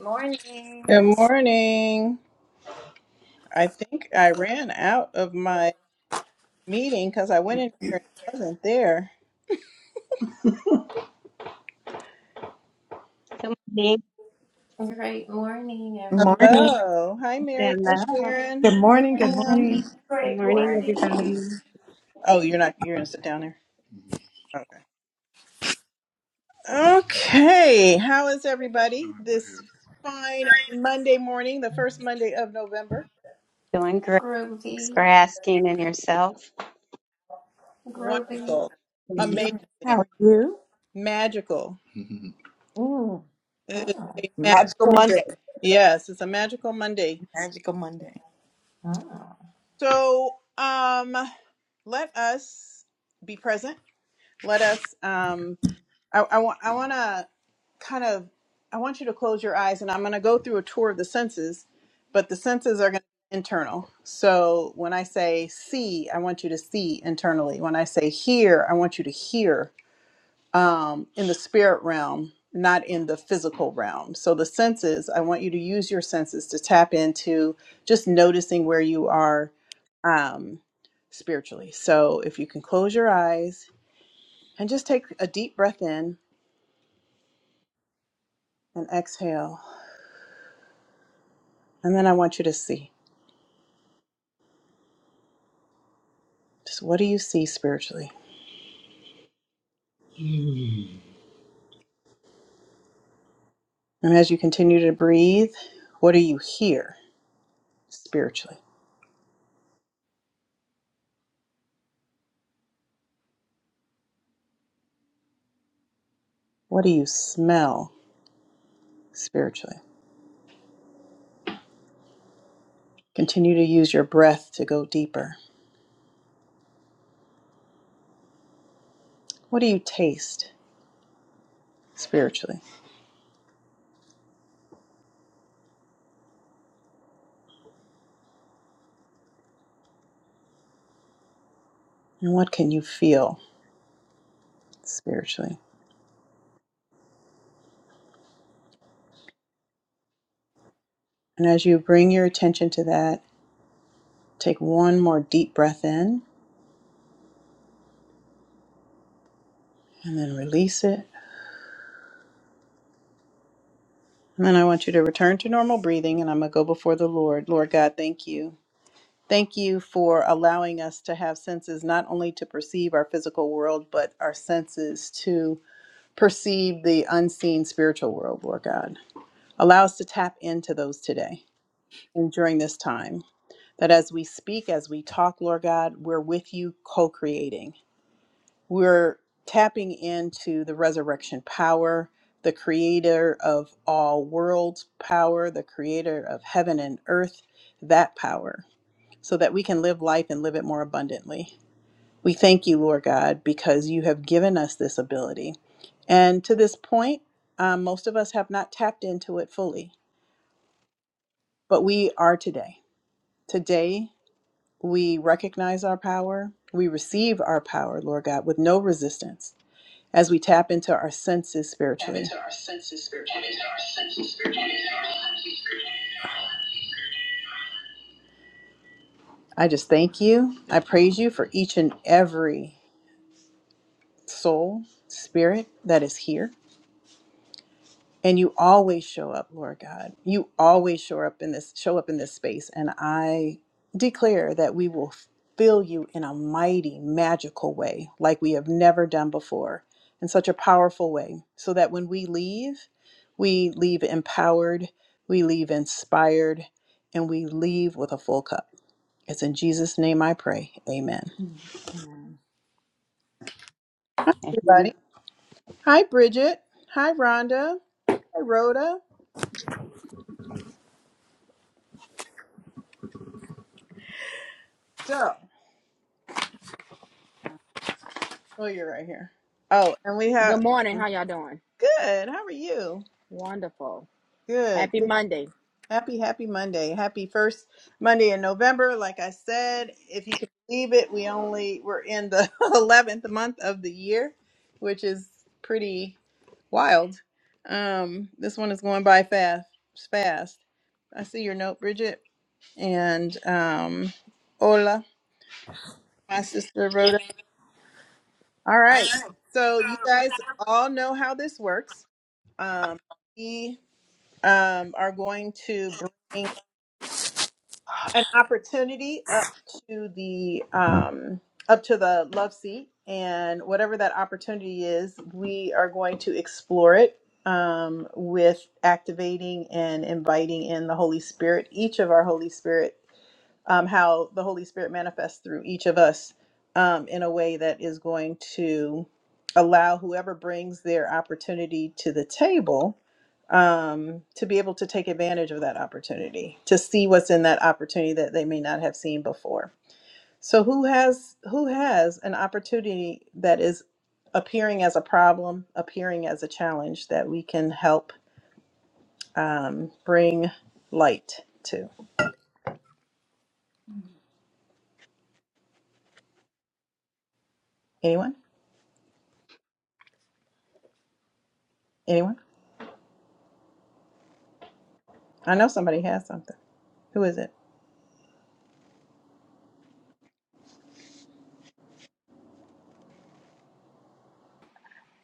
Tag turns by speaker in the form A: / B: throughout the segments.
A: Morning.
B: Good morning,
A: Great morning, everyone.
C: Morning.
B: Stella.
C: Good morning.
B: Hi.
C: Good morning.
B: Good
A: Great
B: morning,
A: morning.
B: everybody. Doing great. Thanks for
A: Groovy,
B: asking and yourself.
A: groovy.
B: Mm,
C: Yeah. How are you? Mm.
A: Mhm.
C: Magical Monday. Magical Monday. Mm.
B: mhm.
D: Good morning. How y'all doing? Wonderful. Happy Monday.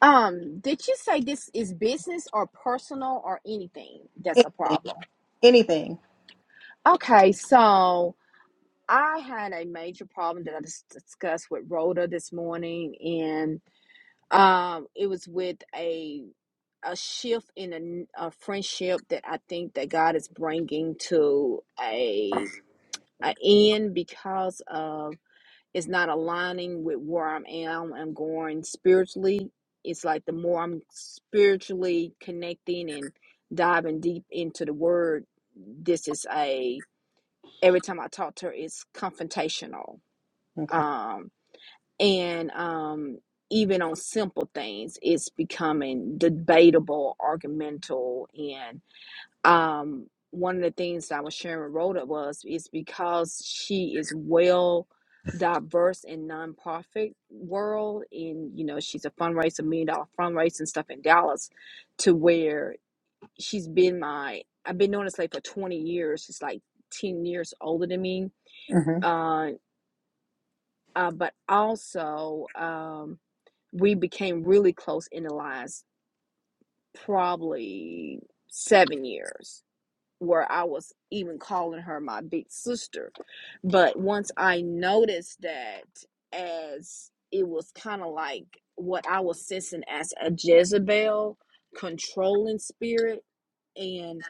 D: Um, did you say this is business or personal or anything that's a problem? Okay, so I had a major problem that I just discussed with Rhoda this morning, and um, it was with a a shift in a, n- a friendship that I think that God is bringing to a an end because of it's not aligning with where I'm am I'm going spiritually. It's like the more I'm spiritually connecting and diving deep into the word, this is a every time I talk to her, it's confrontational. Um and um even on simple things, it's becoming debatable, argumental, and um, one of the things that I was sharing with Rhoda was is because she is well diverse in nonprofit world and you know she's a fundraiser million dollar fundraiser and stuff in Dallas to where she's been my I've been known as like for 20 years she's like 10 years older than me uh, uh but also um we became really close in the last probably seven years where I was even calling her my big sister. But once I noticed that, as it was kind of like what I was sensing as a Jezebel controlling spirit, and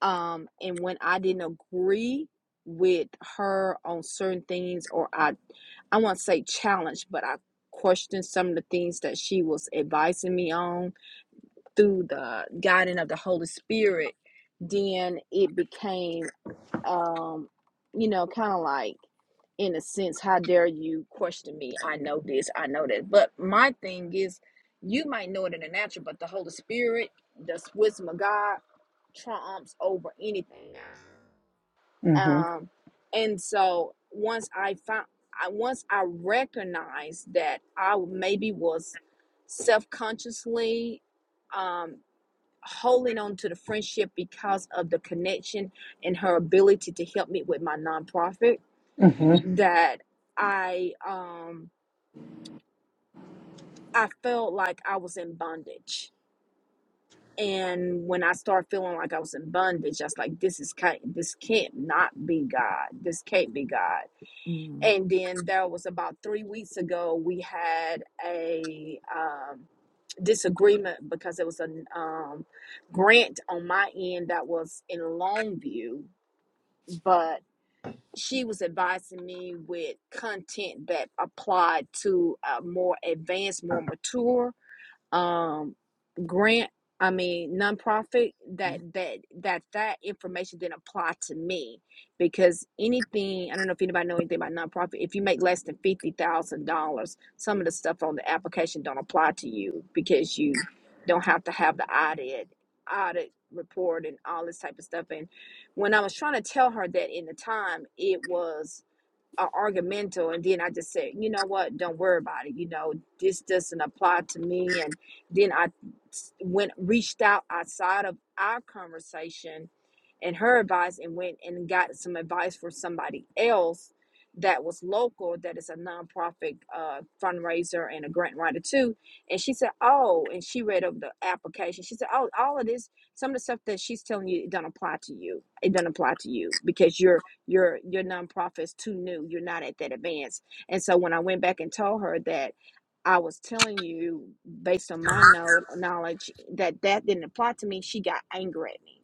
D: um, and when I didn't agree with her on certain things, or I, I won't say challenge, but I questioned some of the things that she was advising me on through the guiding of the Holy Spirit then it became um, you know, kind of like in a sense, how dare you question me? I know this, I know that. But my thing is, you might know it in the natural, but the Holy Spirit, the wisdom of God, triumphs over anything. Um, and so once I found, I once I recognized that I maybe was self consciously um holding on to the friendship because of the connection and her ability to help me with my nonprofit that I um I felt like I was in bondage. And when I started feeling like I was in bondage, I was like, this is can't this can't not be God. This can't be God.
C: Mm.
D: And then there was about three weeks ago we had a um disagreement because it was a um, grant on my end that was in Longview but she was advising me with content that applied to a more advanced, more mature um grant i mean nonprofit that that that that information didn't apply to me because anything i don't know if anybody know anything about nonprofit if you make less than $50000 some of the stuff on the application don't apply to you because you don't have to have the audit audit report and all this type of stuff and when i was trying to tell her that in the time it was are argumental and then i just said you know what don't worry about it you know this doesn't apply to me and then i s- went reached out outside of our conversation and her advice and went and got some advice for somebody else that was local that is a nonprofit uh, fundraiser and a grant writer too and she said oh and she read over the application she said oh all of this some of the stuff that she's telling you it doesn't apply to you it doesn't apply to you because you're your your nonprofit's too new you're not at that advance and so when i went back and told her that i was telling you based on my know, knowledge that that didn't apply to me she got angry at me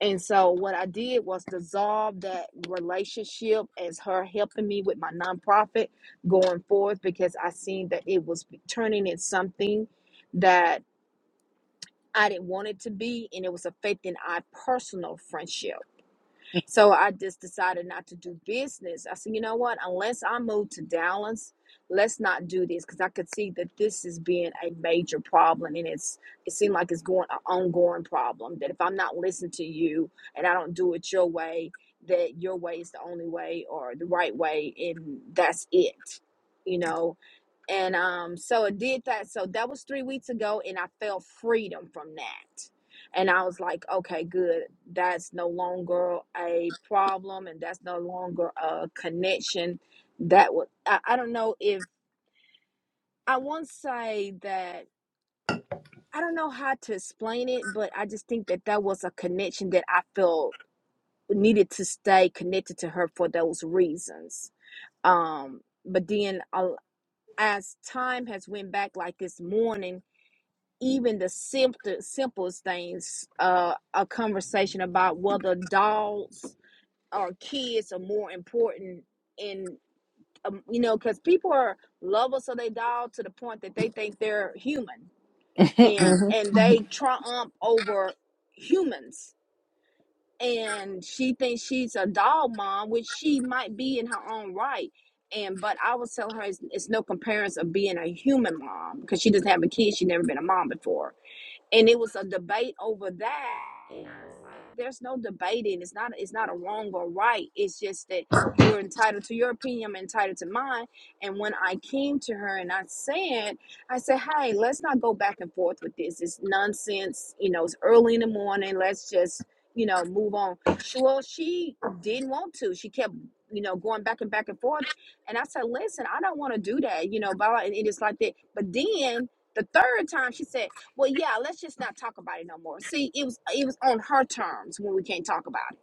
D: and so what i did was dissolve that relationship as her helping me with my nonprofit going forth because i seen that it was turning into something that i didn't want it to be and it was affecting our personal friendship so I just decided not to do business. I said, you know what? Unless I move to Dallas, let's not do this because I could see that this is being a major problem, and it's it seemed like it's going an ongoing problem. That if I'm not listening to you and I don't do it your way, that your way is the only way or the right way, and that's it. You know, and um so it did that so that was three weeks ago and i felt freedom from that and i was like okay good that's no longer a problem and that's no longer a connection that was I, I don't know if i won't say that i don't know how to explain it but i just think that that was a connection that i felt needed to stay connected to her for those reasons um but then uh, as time has went back like this morning even the simple simplest things uh a conversation about whether dogs or kids are more important in um, you know because people are lovers of their dog to the point that they think they're human and and
C: Mm.
D: they triumph over humans and she thinks she's a dog mom which she might be in her own right and but i was telling her it's, it's no comparison of being a human mom because she doesn't have a kid she's never been a mom before and it was a debate over that. And There's no debating. It's not. It's not a wrong or right. It's just that you're entitled to your opinion. I'm entitled to mine. And when I came to her and I said, I said, "Hey, let's not go back and forth with this. It's nonsense. You know, it's early in the morning. Let's just, you know, move on." She, well, she didn't want to. She kept, you know, going back and back and forth. And I said, "Listen, I don't want to do that. You know, blah." blah," And it's like that. But then the third time, she said. Well, yeah, let's just not talk about it no more. See, it was it was on her terms when we can't talk about it.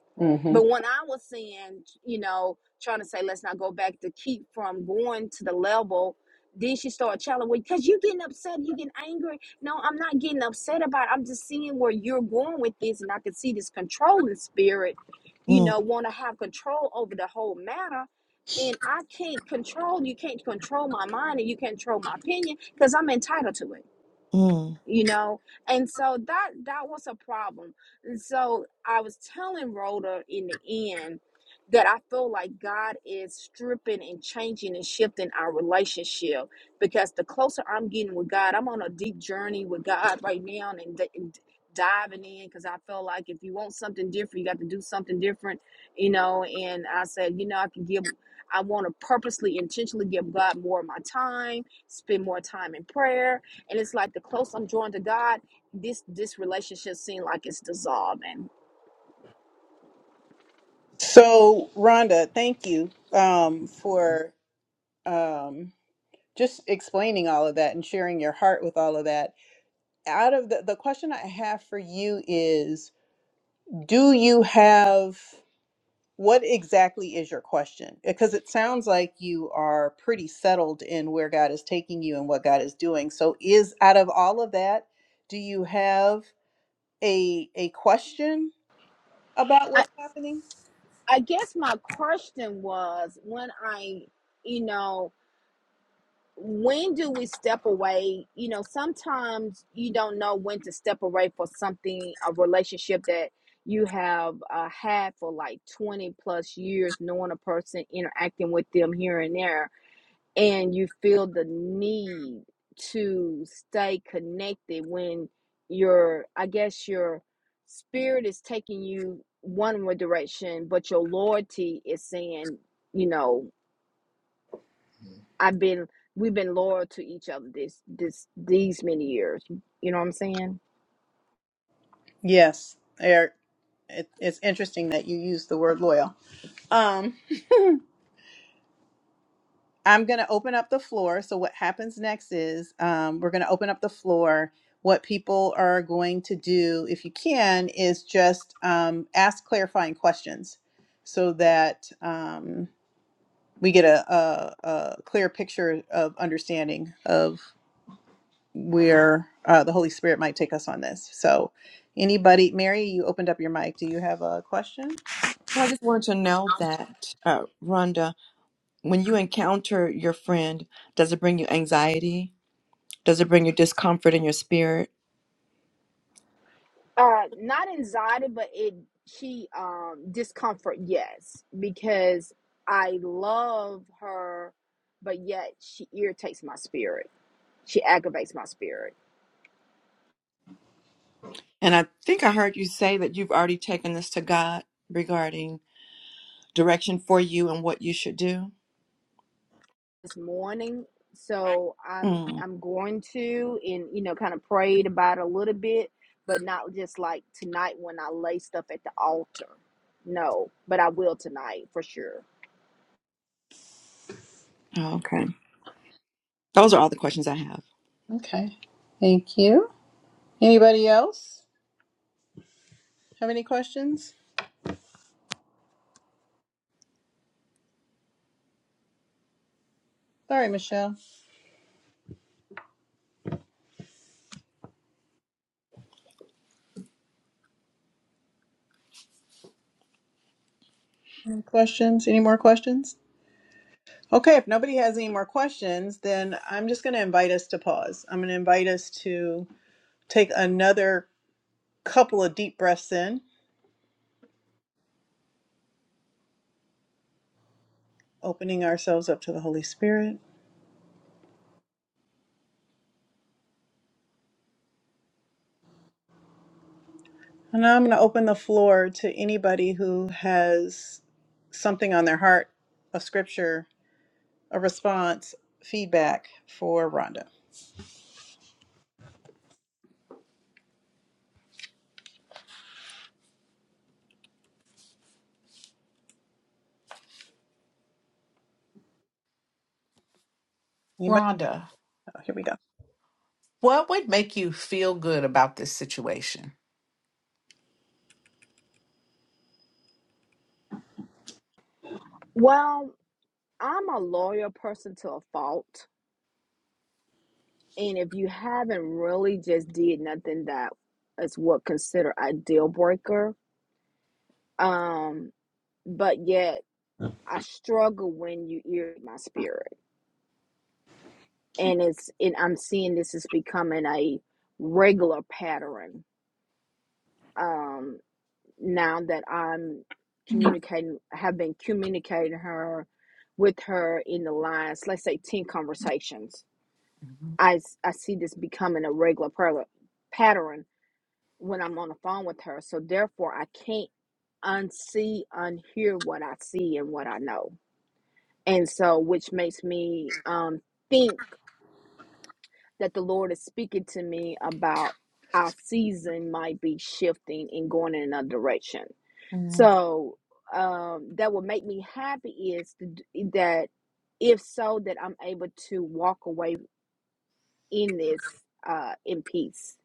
D: But when I was saying, you know, trying to say let's not go back to keep from going to the level, then she started challenging me because you getting upset, you getting angry. No, I'm not getting upset about. It. I'm just seeing where you're going with this, and I can see this controlling spirit, you
C: Mm.
D: know, want to have control over the whole matter. And I can't control you. Can't control my mind, and you can't control my opinion because I'm entitled to it
C: Mm.
D: you know and so that that was a problem and so i was telling rhoda in the end that i feel like god is stripping and changing and shifting our relationship because the closer i'm getting with god i'm on a deep journey with god right now and, d- and diving in because i feel like if you want something different you got to do something different you know and i said you know i can give i want to purposely intentionally give god more of my time spend more time in prayer and it's like the closer I'm drawn to God, this this relationship seems like it's dissolving. I I guess my question was when I, you know, when do we step away? You know, sometimes you don't know when to step away for something a relationship that you have uh, had for like 20 plus years knowing a person interacting with them here and there and you feel the need to stay connected when your i guess your spirit is taking you one more direction but your loyalty is saying you know i've been we've been loyal to each other this this these many years you know what i'm saying
C: Well, I just wanted to know that, uh, Rhonda, when you encounter your friend, does it bring you anxiety? Does it bring you discomfort in your spirit?
D: uh not anxiety but it she um discomfort yes because i love her but yet she irritates my spirit she aggravates my spirit
C: And I think I heard you say that you've already taken this to God regarding direction for you and what you should do.
D: this morning so i'm
C: Mm.
D: i'm going to and you know kind of prayed about it a little bit but not just like tonight when i lay stuff at the altar no but i will tonight for sure
C: Oh, okay. Those are all the questions I have.
E: Rhonda, what would make you feel good about this situation?
D: well i'm a loyal person to a fault And if you haven't really just did nothing that is what considered a deal breaker, um, but yet I struggle when you irritate my spirit, and it's and I'm seeing this is becoming a regular pattern. Um, now that I'm communicating, have been communicating her with her in the last, let's say, ten conversations.
E: Mhm.
D: I I see this becoming a regular pattern when I'm on the phone with her. So therefore, I can't unsee, unhear what I see and what I know. And so, which makes me um, think that the Lord is speaking to me about our season might be shifting and going in another direction. So um, that would make me happy is to, d- that if so, that I'm able to walk away in this uh, in peace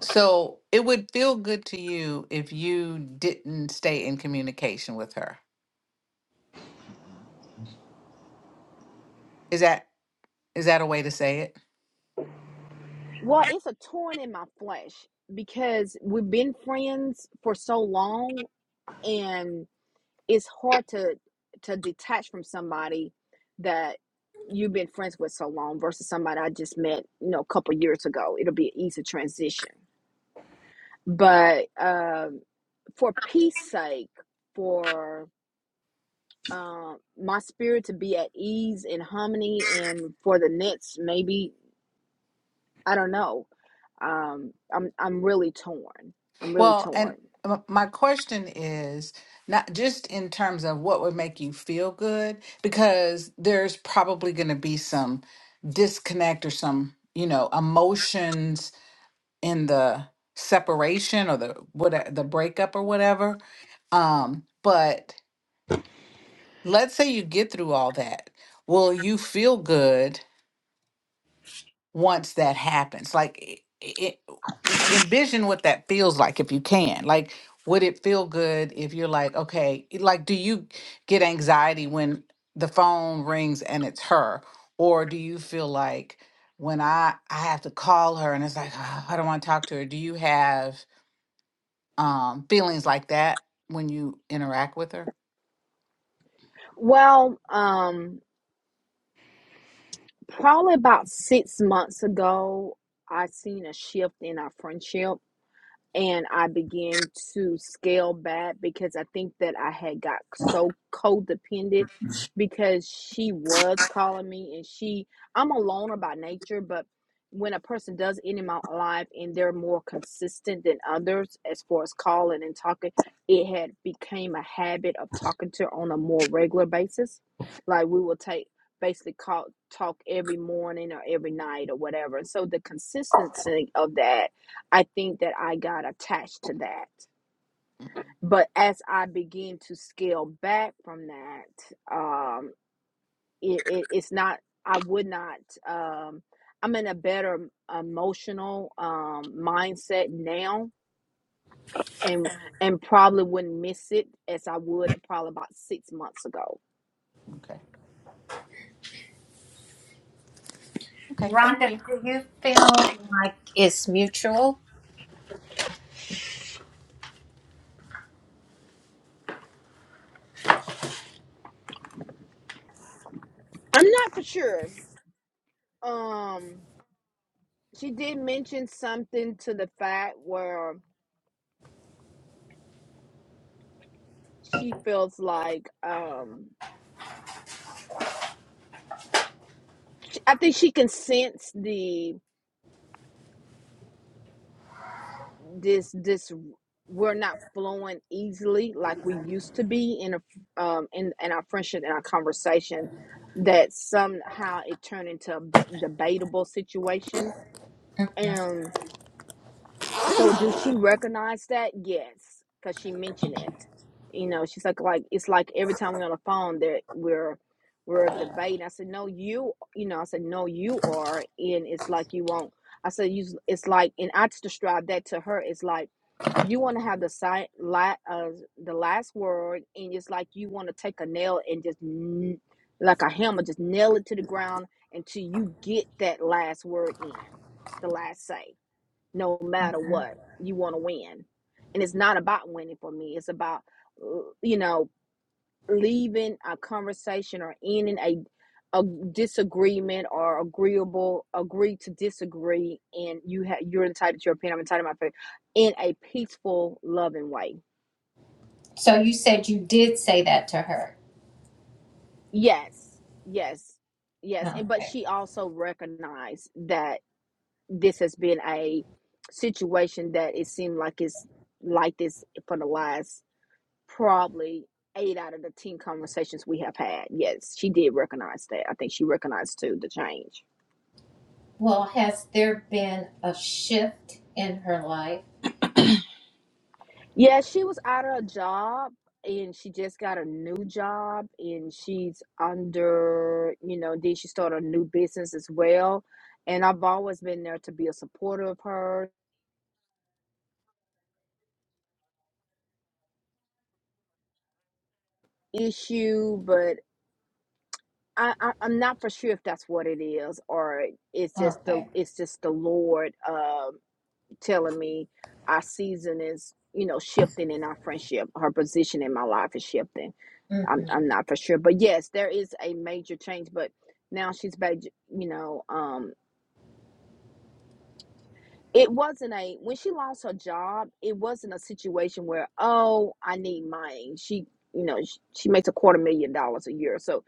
E: So it would feel good to you if you didn't stay in communication with her. Is that is that a way to say it?
D: Well, it's a torn in my flesh because we've been friends for so long and it's hard to to detach from somebody that you've been friends with so long versus somebody I just met, you know, a couple years ago. It'll be an easy transition. But um for peace sake, for um my spirit to be at ease and harmony and for the next maybe I don't know. Um, I'm I'm really torn. I'm really
E: Well,
D: torn.
E: and m- my question is not just in terms of what would make you feel good, because there's probably going to be some disconnect or some you know emotions in the separation or the what the breakup or whatever Um, but let's say you get through all that. Will you feel good once that happens? Like, it, envision what that feels like if you can. Like, would it feel good if you're like, okay, like, do you get anxiety when the phone rings and it's her? Or do you feel like when I, I have to call her and it's like, "Ah, I don't want to talk to her? Do you have um, feelings like that when you interact with her?
D: Well, um, probably about six months ago, I seen a shift in our friendship. and I began to scale back because I think that I had got so codependent because she was calling me and she I'm a loner by nature, but when a person does end in my life and they're more consistent than others as far as calling and talking, it had became a habit of talking to her on a more regular basis. Like we will take basically call talk every morning or every night or whatever. And so the consistency of that I think that I got attached to that.
E: Mhm.
D: But as I begin to scale back from that, um, it, it, it's not, I would not, um, I'm in a better emotional um, mindset now and and probably wouldn't miss it as I would probably about six months ago.
E: Okay. Okay, thank you.
A: Rhonda, do you feel like it's mutual?
D: I'm not for sure. Um, she did mention something to the fact where she feels like um, I think she can sense the this this we're not flowing easily like we used to be in a um in, in our friendship and our conversation that somehow it turned into a debatable situation and. So does she recognize that? Yes, because she mentioned it. You know, she's like, like it's like every time we're on the phone that we're we're debating. I said, no, you, you know, I said, no, you are, and it's like you won't. I said, you, it's like, and I just described that to her. It's like you want to have the si la, uh, the last word, and it's like you want to take a nail and just n- like a hammer, just nail it to the ground until you get that last word in, the last say no matter what you want to win and it's not about winning for me it's about uh, you know leaving a conversation or ending a a disagreement or agreeable agree to disagree and you have you're entitled to your opinion i'm entitled to my opinion in a peaceful loving way
A: So you said you did say that to her.
D: yes yes yes and but
A: Okay.
D: she also recognized that this has been a situation that it seemed like it's like this for the last probably eight out of the 10 conversations we have had. Yes, she did recognize that. I think she recognized too the change.
A: Well, has there been a shift in her life?
D: Yeah, she was out of a job and she just got a new job and she's under, you know, then she started a new business as well. And I've always been there to be a supporter of her issue, but I, I, I'm not for sure if that's what it is or it's just the
A: Okay.
D: it's just the Lord of telling me our season is you know shifting in our friendship her position in my life is shifting i'm,
A: Mm-hmm.
D: I'm not for sure but yes there is a major change but now she's back you know um it wasn't a when she lost her job it wasn't a situation where oh i need money she you know she, she makes a quarter million dollars a year so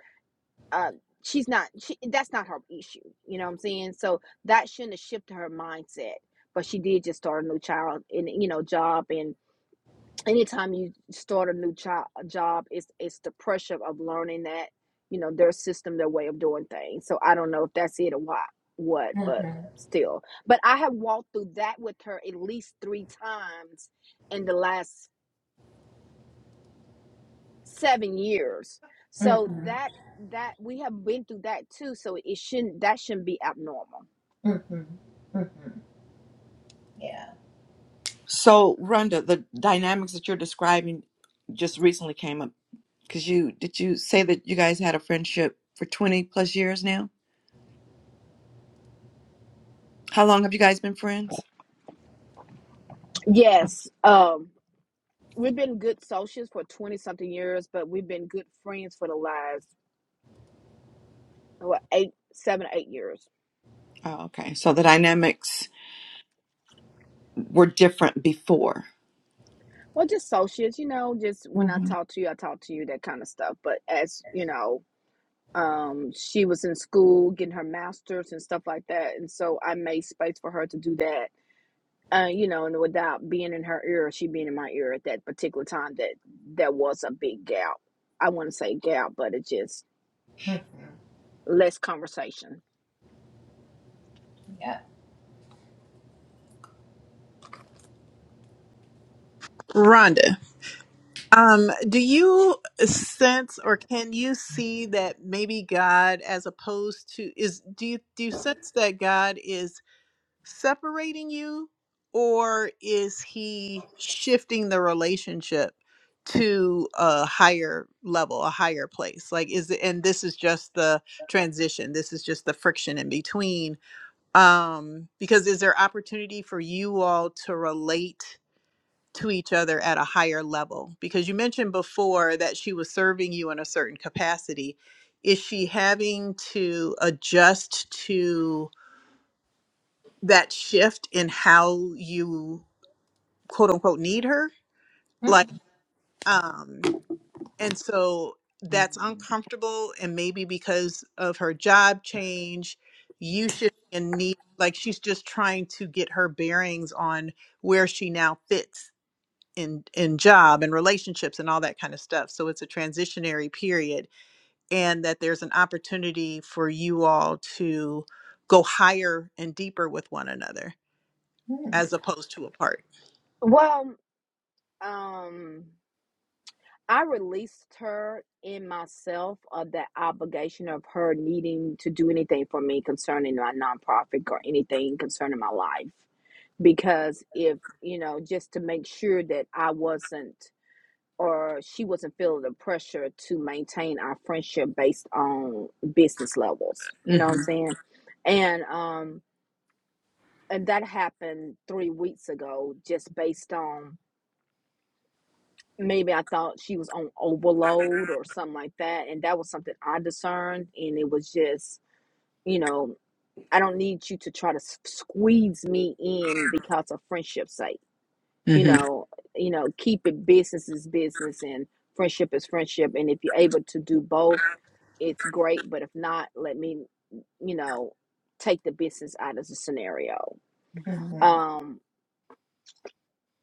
D: uh she's not she, that's not her issue you know what i'm saying so that shouldn't have shifted her mindset but she did just start a new child and you know job and anytime you start a new job, job it's it's the pressure of learning that you know their system their way of doing things so i don't know if that's it or what what but
A: Mm-hmm.
D: still but i have walked through that with her at least three times in the last seven years so
A: Mm-hmm.
D: that that we have been through that too so it shouldn't that shouldn't be abnormal
A: Mm-hmm. Mm-hmm. Yeah.
C: So, Rhonda, the dynamics that you're describing just recently came up because you did you say that you guys had a friendship for 20 plus years now? How long have you guys been friends?
D: yes um we've been good socials for 20 something years but we've been good friends for the last what eight seven eight years
C: Oh, okay. So the dynamics were different before.
D: Well, just socials, you know, just when I
C: hmm
D: talk to you, I talk to you, that kind of stuff. But as you know, um, she was in school getting her master's and stuff like that, and so I made space for her to do that. Uh, you know, and without being in her ear, she being in my ear at that particular time, that that was a big gap. I want to say gap, but it's just
A: Mhm.
D: less conversation.
A: Yeah. Mm-hmm.
E: Mm.
A: Mm-hmm.
D: Well, um, I released her in myself of that obligation of her needing to do anything for me concerning my nonprofit or anything concerning my life. Because if, you know, just to make sure that I wasn't or she wasn't feeling the pressure to maintain our friendship based on business levels. You know what I'm saying? And um and that happened three weeks ago just based on maybe I thought she was on overload or something like that. And that was something I discerned. And it was just, you know, I don't need you to try to s- squeeze me in because of friendship's sake. You know, you know, keep it business is business and friendship is friendship. And if you're able to do both, it's great. But if not, let me, you know, take the business out of the scenario. Um,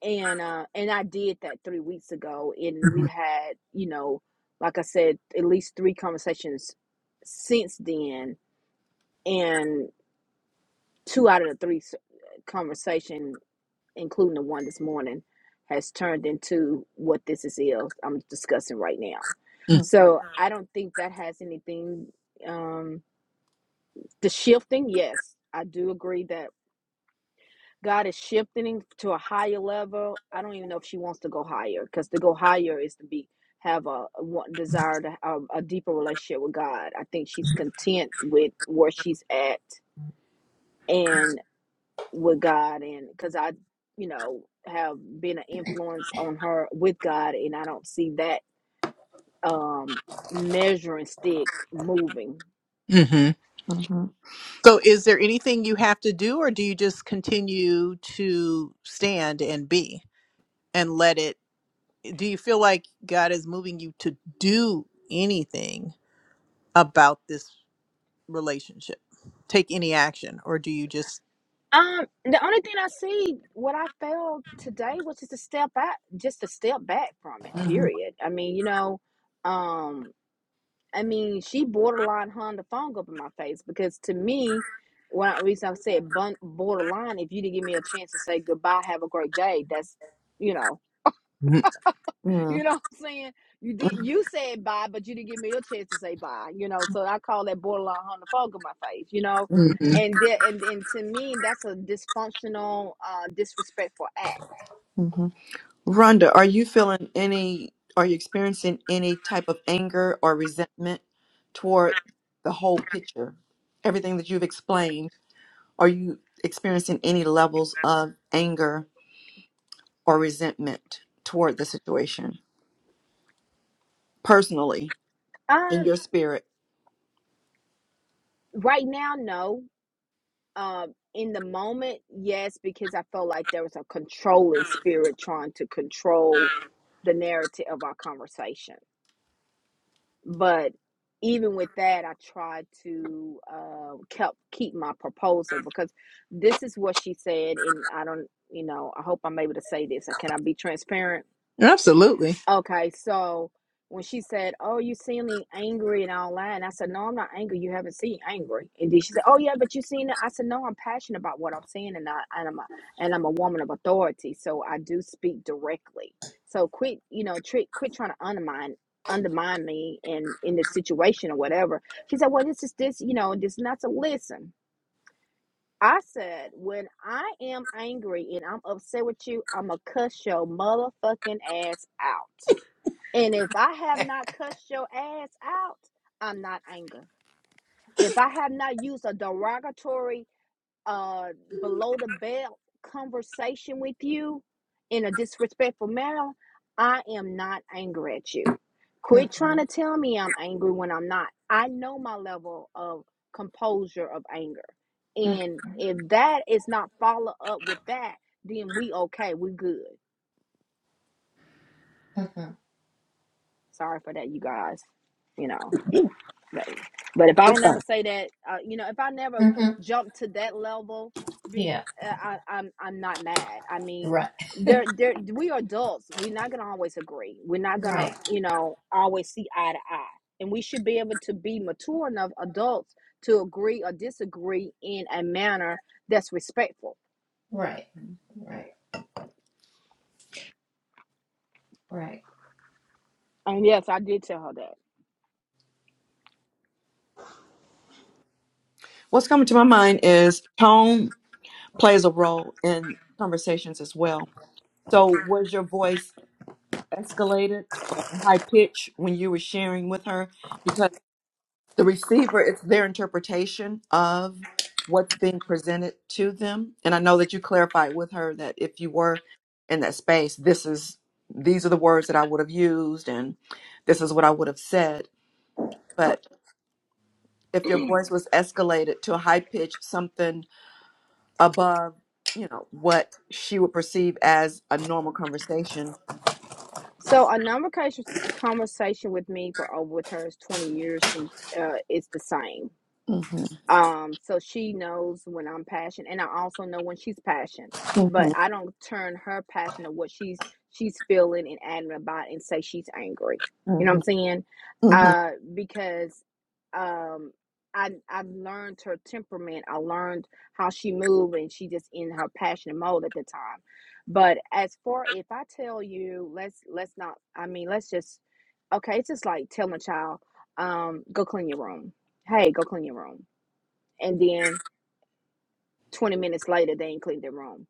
D: and uh and I did that three weeks ago, and we had you know, like I said, at least three conversations since then, and two out of the three s- conversation, including the one this morning, has turned into what this is ill I'm discussing right now.
C: Mhm.
D: So I don't think that has anything. Um, the shifting, yes, I do agree that. God is shifting to a higher level. I don't even know if she wants to go higher because to go higher is to be have a, a want- desire to have a deeper relationship with God. I think she's content with where she's at and with God, and because I, you know, have been an influence on her with God, and I don't see that um measuring stick moving.
C: Mm-hmm.
D: Um, the only thing I see, what I failed today was just to step back, just to step back from it. Period. I mean, you know, um, I mean, she borderline hung the phone up in my face because to me, when I reason I said bun- borderline, if you didn't give me a chance to say goodbye, have a great day, that's, you know. You
C: Mm-hmm.
D: know what I'm saying? You did you said bye, but you didn't give me your chance to say bye, you know. So I call that borderline homophobic in my face, you know.
C: Mm-hmm.
D: And there, and and to me that's a dysfunctional, uh disrespectful act.
C: Mm-hmm. Rhonda, are you feeling any, are you experiencing any type of anger or resentment toward the whole picture? Everything that you've explained, are you experiencing any levels of anger or resentment toward the situation personally in
D: Um
C: your spirit.
D: right now, no. Um in the moment, yes, because I felt like there was a controlling spirit trying to control the narrative of our conversation but even with that i tried to uh kept keep my proposal because this is what she said and i don't you know i hope i'm able to say this can i be transparent Okay, so when she said, "Oh, you seeming angry and all that," and I said, "No, I'm not angry. You haven't seen angry." And then she said, "Oh yeah, but you seen it." I said, "No, I'm passionate about what I'm saying, and I and I'm a and I'm a woman of authority, so I do speak directly. So quit, you know, tri- quit trying to undermine undermine me in in this situation or whatever." She said, "Well, this is this, you know, this not to listen." I said, when I am angry and I'm upset with you, I'm gonna cuss your motherfucking ass out. And if I have not cussed your ass out, I'm not angry. If I have not used a derogatory, uh, below the belt conversation with you in a disrespectful manner, I am not angry at you. Quit
A: Mm-hmm.
D: trying to tell me I'm angry when I'm not. I know my level of composure of anger. And
A: Mm-hmm.
D: if that is not follow up with that, then we okay, we good.
A: Mm-hmm.
D: Sorry for that, you guys. You know. baby. But if I don't ever say that, uh, you know, if I never
A: Mm-hmm.
D: jump to that level, be
A: Yeah.
D: uh, I, I'm I'm not mad. I mean,
A: Right,
D: there there we are adults. We're not gonna always agree. We're not gonna
A: right,
D: you know always see eye to eye, and we should be able to be mature enough adults to agree or disagree in a manner that's respectful.
A: right, right, right.
D: And yes, I did tell her that.
C: What's coming to my mind is tone plays a role in conversations as well. So, was your voice escalated or high pitched when you were sharing with her? the receiver it's their interpretation of what's being presented to them and i know that you clarified with her that if you were in that space this is these are the words that i would have used and this is what i would have said but if your voice was escalated to a high pitch something above you know what she would perceive as a normal conversation
D: So a number of conversations conversation with me for over with her is twenty years. She uh, is the same
C: mm-hmm,
D: um so she knows when i'm passionate and i also know when she's passionate but
C: mm-hmm,
D: i don't turn her passion of what she's she's feeling and adamant about and say she's angry you know what
C: mm-hmm,
D: i'm saying
C: mm-hmm,
D: uh because um i i learned her temperament i learned how she moved and she just in her passionate mode at the time but as far if i tell you let's let's not i mean let's just okay it's just like telling a child um go clean your room hey go clean your room and then 20 minutes later they ain't cleaned their room.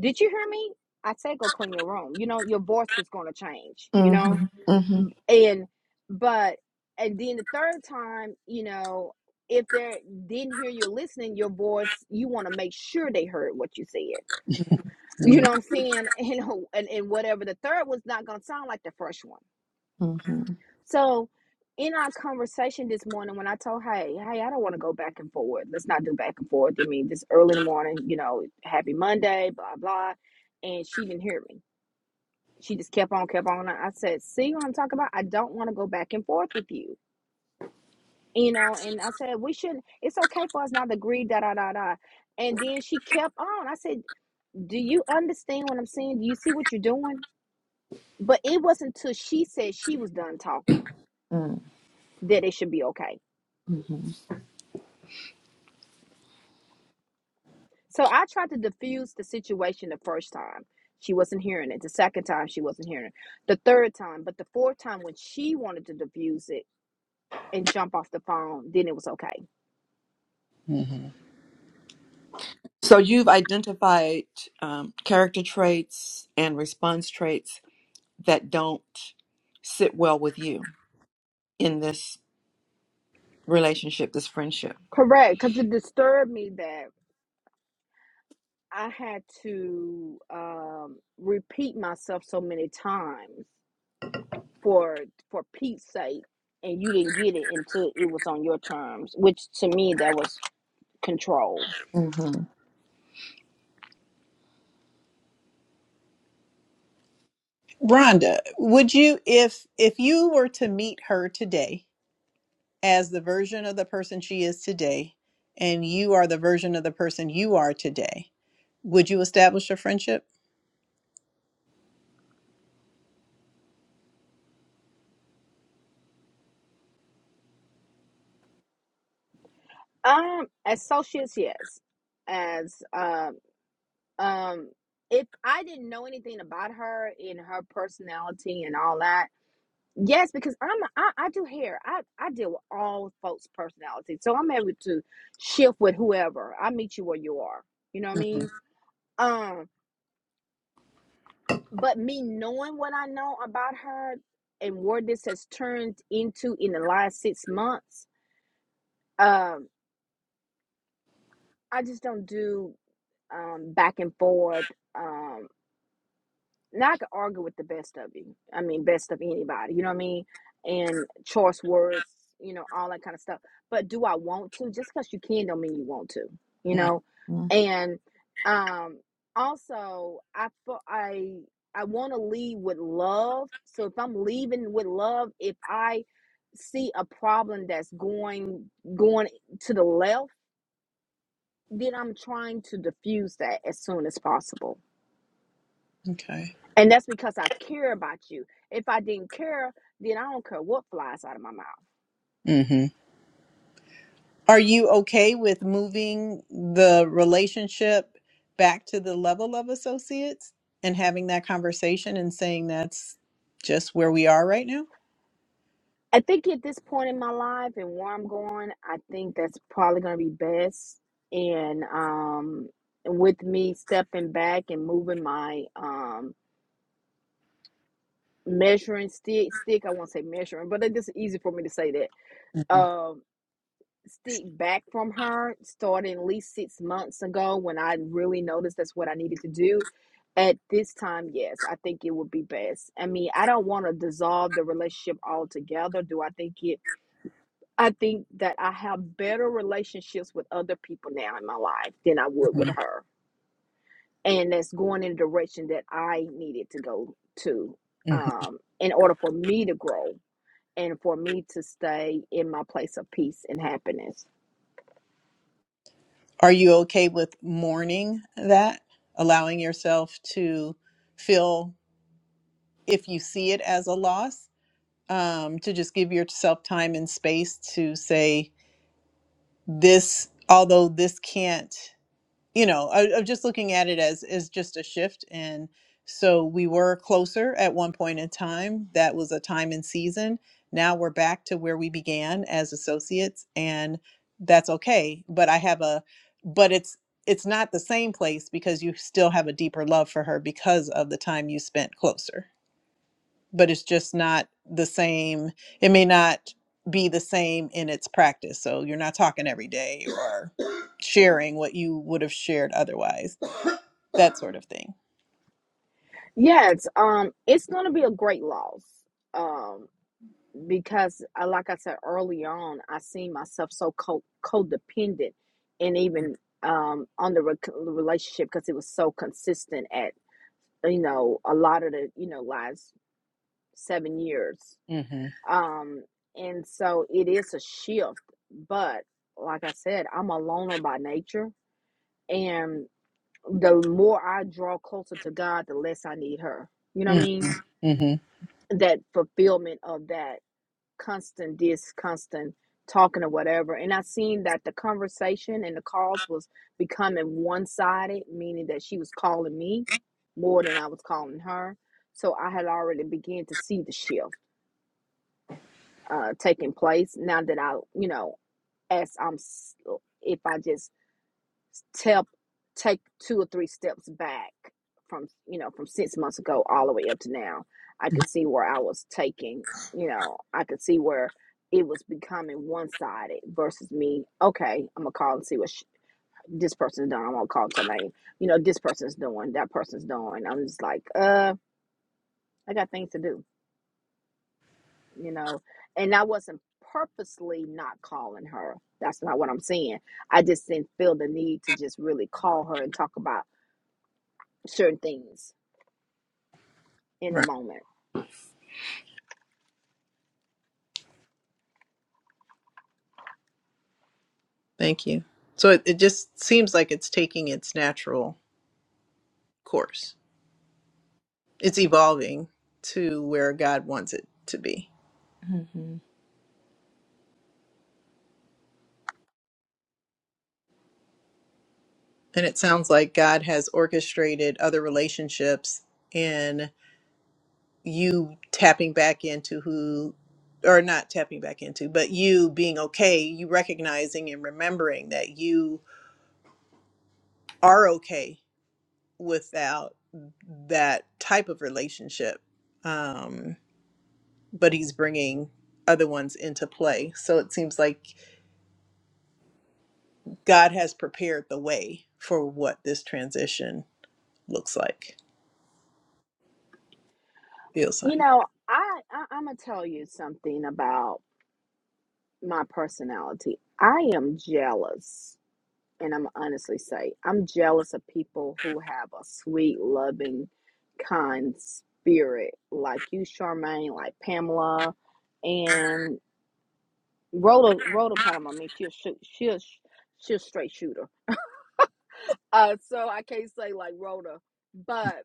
D: Did you hear me? I said go clean your room. You know, your voice was gonna change, you know?
C: mm-hmm,
D: And but and then the third time, you know, if they didn't hear you listening, your voice, you wanna make sure they heard what you said. You know what I'm saying? And, and and whatever the third was not gonna sound like the first one
C: mm-hmm,
D: So, in our conversation this morning, when I told, hey, hey, I don't want to go back and forth. Let's not do back and forth. I mean, this early in the morning, you know, happy Monday, blah, blah. And she didn't hear me. She just kept on, kept on. I said, see what I'm talking about? I don't want to go back and forth with you. You know, and I said, we shouldn't, it's okay for us not to agree, da, da, da, da. And then she kept on. I said, do you understand what I'm saying? Do you see what you're doing? But it wasn't until she said she was done talking that it should be okay
C: mm-hmm.
D: So I tried to diffuse the situation the first time. She wasn't hearing it. The second time, she wasn't hearing it. The third time, but the fourth time, when she wanted to diffuse it and jump off the phone, then it was okay.
C: So you've identified um, character traits and response traits that don't sit well with you in this relationship, this friendship.
D: Correct. Because it disturbed me that I had to um, repeat myself so many times for for Pete's sake, and you didn't get it until it was on your terms, which to me that was control.
C: hmm
D: Um, as associates, yes as um um if i didn't know anything about her and her personality and all that yes because i'm i, I do hair i i deal with all folks personalities, so i'm able to shift with whoever i meet you where you are you know what i mean um but me knowing what i know about her and where this has turned into in the last six months um i just don't do um back and forth um. Now I could argue with the best of you. I mean, best of anybody. You know what I mean? And choice words, you know, all that kind of stuff. But do I want to? Just because you can don't mean you want to. You know, and um, also I I I want to lead with love. So if I'm leaving with love, if I see a problem that's going going to the left, then I'm trying to diffuse that as soon as possible And that's because I care about you. If I didn't care, then I don't care what flies out of my mouth. I think at this point in my life and where I'm going, I think that's probably going to be best. And um, with me stepping back and moving my um, measuring stick, stick, I won't say measuring, but it's just easy for me to say that. Um, stick back from her starting at least six months ago when I really noticed that's what I needed to do. At this time, yes, I think it would be best. I mean, I don't want to dissolve the relationship altogether. Do I think it? I think that I have better relationships with other people now in my life than I would with her. And that's going in the direction that I needed to go to um, in order for me to grow and for me to stay in my place of peace and happiness. Yes, um, it's going to be a great loss, um, because uh, like I said early on, I seen myself so co codependent, and even um on the re relationship because it was so consistent at you know a lot of the you know last seven years, um, and so it is a shift. But like I said, I'm a loner by nature, and the more I draw closer to God, the less I need her. You know what I mean? that fulfillment of that constant this constant talking or whatever and i seen that the conversation and the calls was becoming one-sided meaning that she was calling me more than i was calling her so i had already began to see the shift uh, taking place now that i you know as i'm if i just step take two or three steps back from you know from six months ago all the way up to now i could see where i was taking you know i could see where it was becoming one-sided versus me okay i'm gonna call and see what sh- this person's doing i'm gonna call to call her name you know this person's doing that person's doing i'm just like uh i got things to do you know and i wasn't purposely not calling her that's not what i'm saying i just didn't feel the need to just really call her and talk about certain things in the moment.
C: Mm-hmm.
D: You know, I, I I'm gonna tell you something about my personality. I am jealous, and I'm honestly say I'm jealous of people who have a sweet, loving, kind spirit like you, Charmaine, like Pamela, and Rhoda. Rhoda kind of, I mean, she's shoot, she's she's straight shooter. Uh, so I can't say like Rhoda, but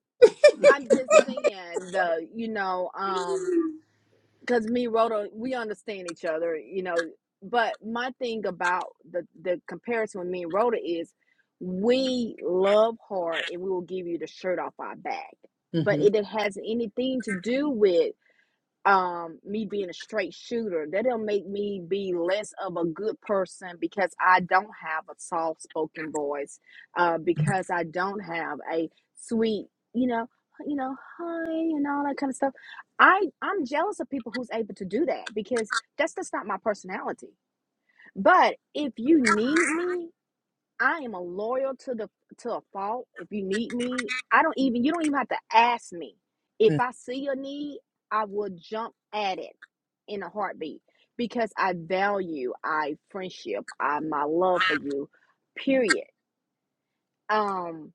D: I'm just saying the you know um because me Roto, we understand each other, you know. But my thing about the the comparison with me and Rhoda is, we love hard and we will give you the shirt off our back, but it, it has anything to do with um me being a straight shooter that will make me be less of a good person because i don't have a soft spoken voice uh because i don't have a sweet you know you know hi and all that kind of stuff i i'm jealous of people who's able to do that because that's just not my personality but if you need me I am a loyal to the to a fault. If you need me, I don't even you don't even have to ask me. If I see a need, I will jump at it in a heartbeat because I value I friendship, I my love for you, period. Um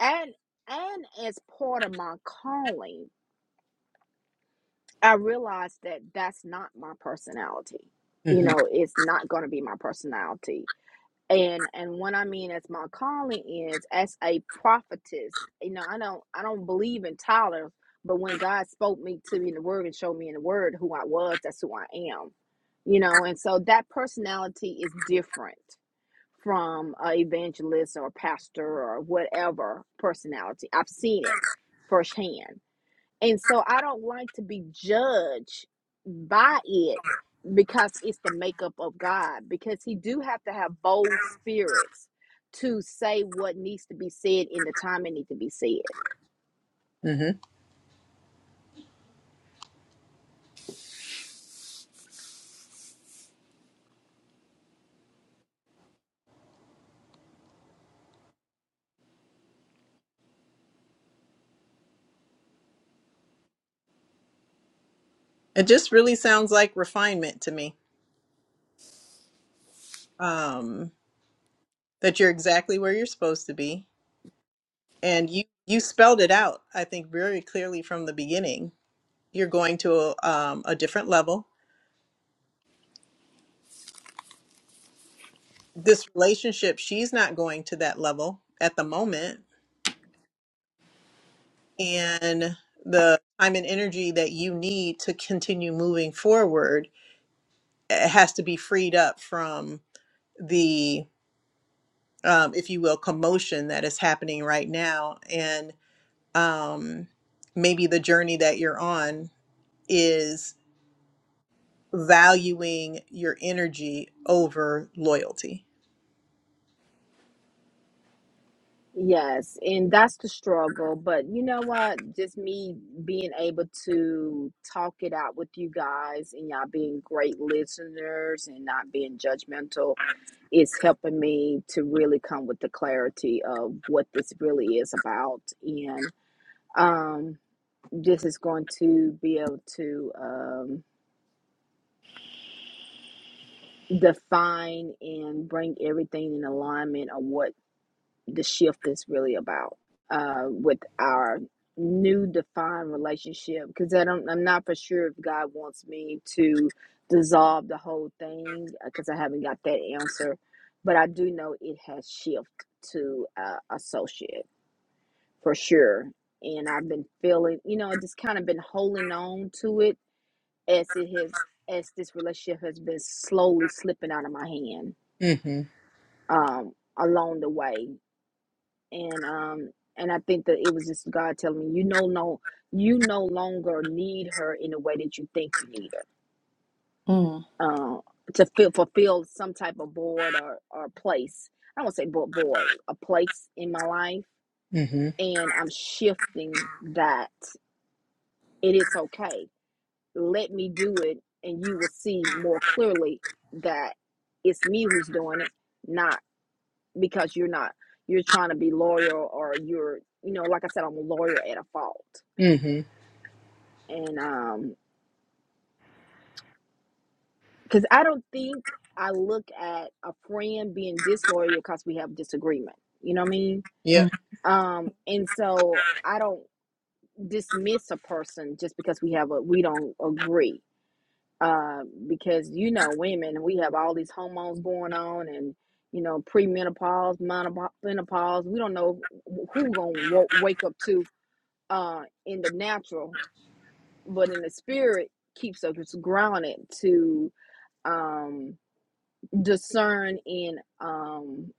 D: and and as part of my calling, I realized that that's not my personality. You know, it's not going to be my personality and and what i mean as my calling is as a prophetess you know i don't i don't believe in titles but when god spoke me to me in the word and showed me in the word who i was that's who i am you know and so that personality is different from a evangelist or a pastor or whatever personality i've seen it firsthand and so I don't like to be judged by it because it's the makeup of God because he do have to have bold spirits to say what needs to be said in the time it needs to be said. Yes, and that's the struggle. But you know what? Just me being able to talk it out with you guys and y'all being great listeners and not being judgmental is helping me to really come with the clarity of what this really is about. And um, this is going to be able to um, define and bring everything in alignment of what the shift is really about uh, with our new defined relationship because I don't I'm not for sure if God wants me to dissolve the whole thing because I haven't got that answer but I do know it has shift to uh, associate for sure and I've been feeling you know just kind of been holding on to it as it has as this relationship has been slowly slipping out of my hand um along the way and um and I think that it was just God telling me you no no you no longer need her in the way that you think you need her
C: Mm-hmm.
D: uh, to fill, fulfill some type of board or or place I don't want to say bo- board a place in my life and I'm shifting that it is okay let me do it and you will see more clearly that it's me who's doing it not because you're not you're trying to be loyal or you're you know like I said I'm a lawyer at a fault and um because i don't think i look at a friend being disloyal because we have disagreement you know what i mean um and so i don't dismiss a person just because we have a we don't agree uh because you know women we have all these hormones going on and you know premenopause menopause we don't know who we're gonna w- wake up to uh in the natural but in the spirit keeps us grounded to um discern and um,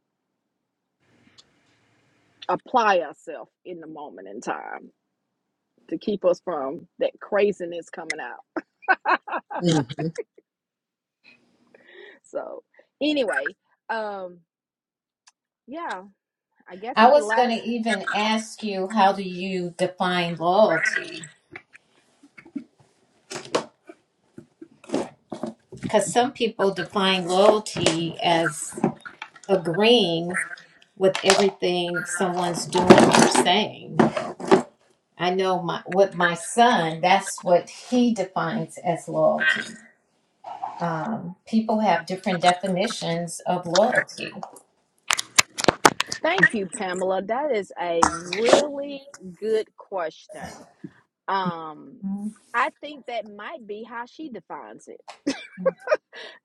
D: apply ourselves in the moment in time to keep us from that craziness coming out. so, anyway, um, yeah, I guess
A: I
D: any
A: was going
D: last
A: to even ask you, how do you define loyalty? Because some people define loyalty as agreeing with everything someone's doing or saying. I know my with my son, that's what he defines as loyalty. Um, people have different definitions of loyalty.
D: thank you, Pamela. That is a really good question. Um, I think that might be how she defines it,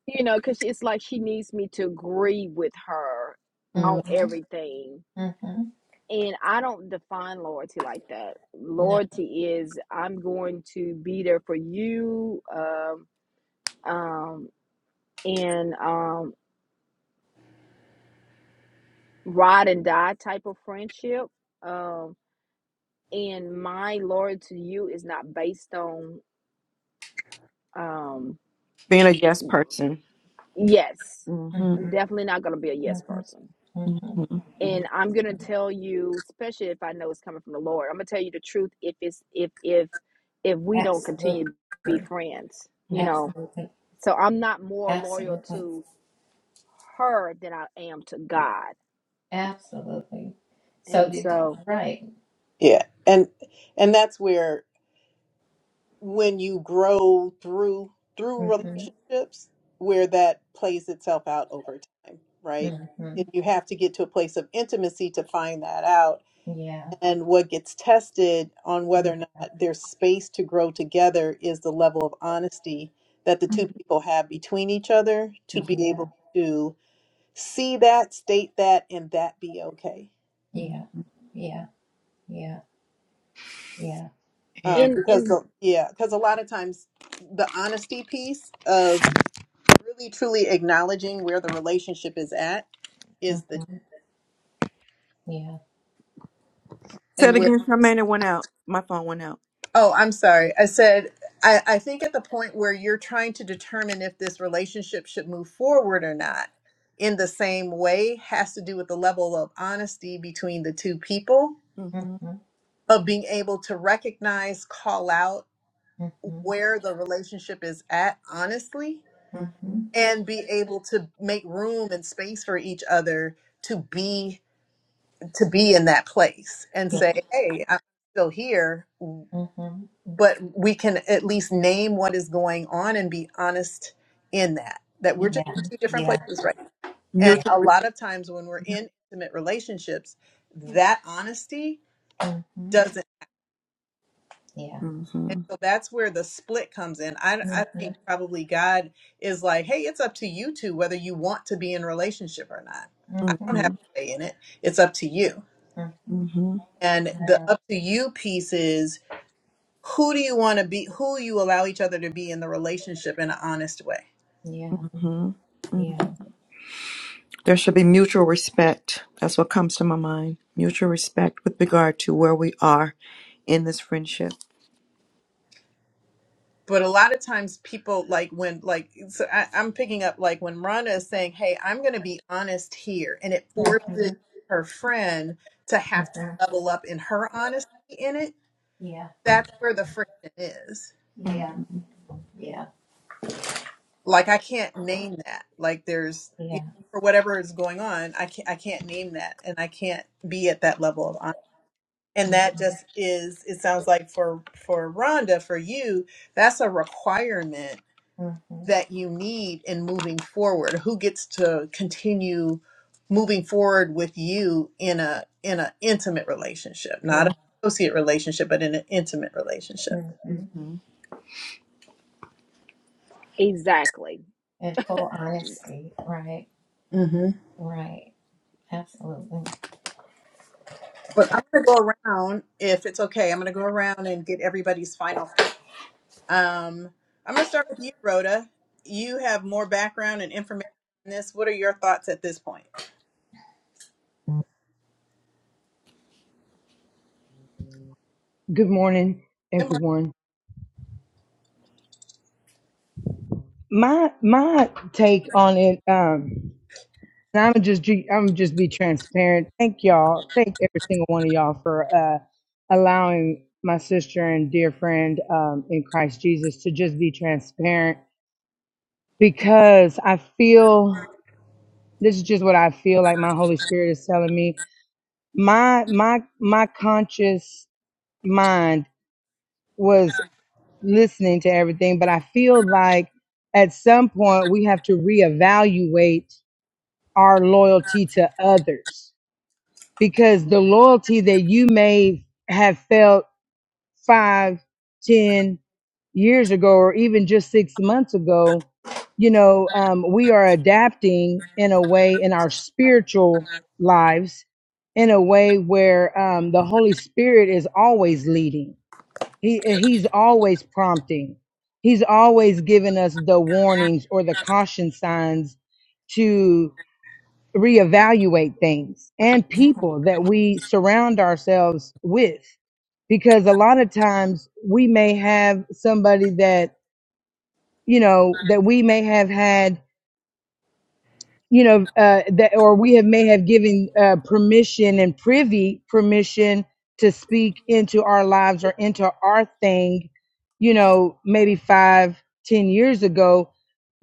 D: you know, because it's like she needs me to agree with her on
C: hmm
A: Mm-hmm,
D: everything
A: mm-hmm,
D: And I don't define loyalty like that.
A: no,
D: Loyalty is I'm going to be there for you, um, um, and um, ride and die type of friendship. Um, and my loyalty to you is not based on um,
C: Being a yes person.
D: yes.
C: hmm
A: mm-hmm,
D: I'm definitely not going to be a yes
A: mm-hmm,
D: person.
A: mm-hmm.
C: hmm
D: And I'm gonna
A: Mm-hmm.
D: tell you, especially if I know it's coming from the Lord, I'm gonna tell you the truth. If it's if if if we don't
A: Absolutely.
D: continue to be friends, you
C: hmm
D: know,
A: Absolutely.
D: So I'm not more loyal
A: Absolutely.
D: to her than I am to God.
A: Absolutely. So
D: And
A: did you-
D: so
A: right. Mhm. Mhm. Yeah. Yeah. Yeah. Yeah. Yeah. Yeah.
C: Yeah.
D: in in
A: Mhm. Yeah.
C: Say it again, Charmaine. It went out. My phone went out. Mm-hmm.
A: Mhm. Mhm.
C: Mm-hmm.
A: Mhm. Yeah. Mhm. Yeah.
C: mm-hmm.
A: Yeah. Yeah.
C: Mutual respect.
A: Mhm. Yeah.
C: Mm-hmm.
A: Mhm. Mhm.
C: Mm-hmm.
A: Mhm.
C: Mm-hmm.
A: Yeah. Yeah.
C: Mm-hmm. Mm.
A: Yeah. Mhm.
C: There should be mutual respect. That's what comes to my mind. Mutual respect with regard to where we are in this friendship.
A: Mhm. Yeah. Yeah.
C: Mhm.
A: Yeah. Yeah. Mhm. Mhm. Yeah. Mm-hmm.
C: Mhm.
D: exactly.
A: And full honesty. Right. Right. Absolutely.
F: Good morning, everyone. My my take on it, um, and I'm just I'm just be transparent. Thank y'all. Thank every single one of y'all for uh, allowing my sister and dear friend um, in Christ Jesus to just be transparent because I feel this is just what I feel like my Holy Spirit is telling me. My my my conscious mind was. listening to everything, but I feel like at some point we have to reevaluate our loyalty to others because the loyalty that you may have felt five, ten years ago, or even just six months ago, you know, um, we are adapting in a way in our spiritual lives in a way where um, the Holy Spirit is always leading he he's always prompting. He's always giving us the warnings or the caution signs to reevaluate things and people that we surround ourselves with. Because a lot of times we may have somebody that, you know, that we may have had you know, uh, that or we have may have given uh, permission and privy permission to speak into our lives or into our thing, you know, maybe five, ten years ago,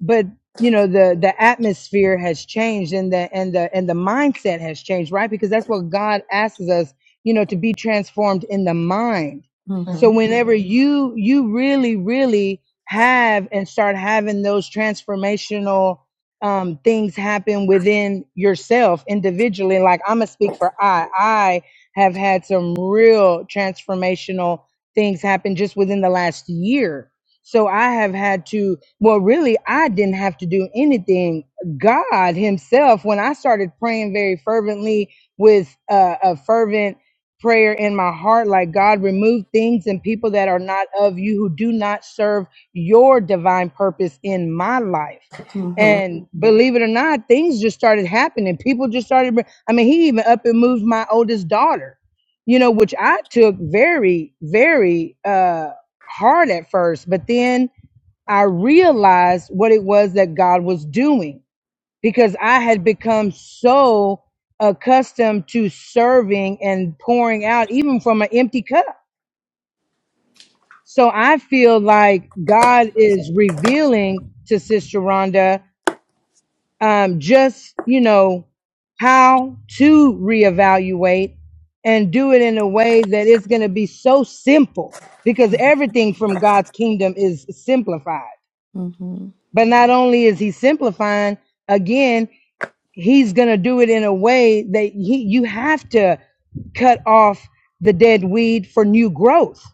F: but you know the the atmosphere has changed and the and the and the mindset has changed, right? Because that's what God asks us, you know, to be transformed in the mind.
A: hmm
F: So
C: Mhm.
F: whenever you you really really have and start having those transformational um, things happen within yourself individually. Like I'm gonna speak for I. I have had some real transformational things happen just within the last year. So I have had to. Well, really, I didn't have to do anything. God Himself, when I started praying very fervently with uh, a fervent prayer in my heart like god remove things and people that are not of you who do not serve your divine purpose in my life
C: Mhm.
F: and believe it or not, things just started happening. People just started. I mean, he even up and moved my oldest daughter, you know, which I took very, very uh, hard at first. But then I realized what it was that God was doing because I had become so accustomed to serving and pouring out, even from an empty cup. So I feel like God is revealing to Sister Rhonda um, just you know how to reevaluate and do it in a way that it's going to be so simple because everything from God's kingdom is simplified.
C: Mhm.
F: But not only is He simplifying, again, He's going to do it in a way that he, you have to cut off the dead weed for new growth.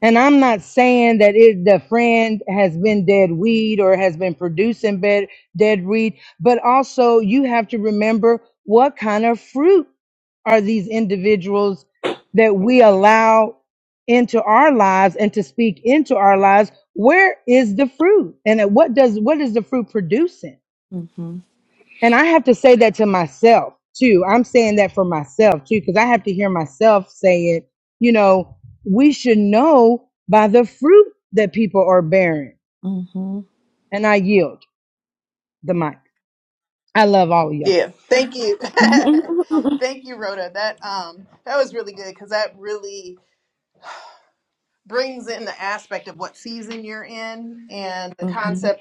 F: And I'm not saying that it, the friend has been dead weed or has been producing bed, dead weed, but also you have to remember what kind of fruit are these individuals that we allow into our lives and to speak into our lives. Where is the fruit? And at what does, what is the fruit producing?
C: Mhm.
F: And I have to say that to myself too. I'm saying that for myself too, because I have to hear myself say it. You know, we should know by the fruit that people are bearing.
C: Mhm.
F: And I yield the mic. I love all of y'all.
C: Mhm.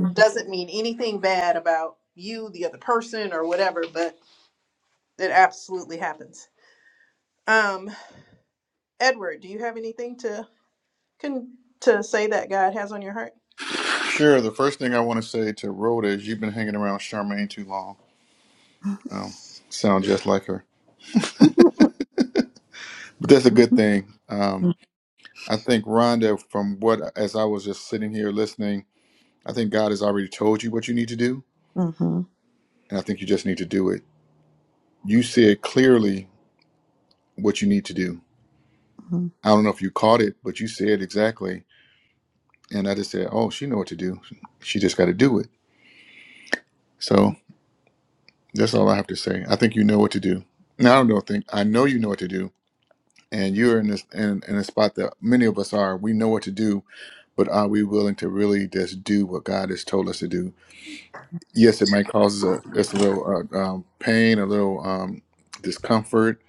C: Yes.
G: Sure. The first thing I want to say to Rhoda is you've been hanging around Charmaine too long. Um, sound just like her, but that's a good thing. Um, I think Rhonda, from what as I was just sitting here listening, I think God has already told you what you need to do,
C: Mhm.
G: and I think you just need to do it. You said clearly what you need to do.
C: Mhm.
G: I don't know if you caught it, but you said exactly, and I just said, "Oh, she know what to do. She just got to do it." So that's all I have to say. I think you know what to do. Now I don't know. Think I know you know what to do and you're in this in, in a spot that many of us are we know what to do but are we willing to really just do what god has told us to do yes it might cause us a, us a little uh, um, pain a little um, discomfort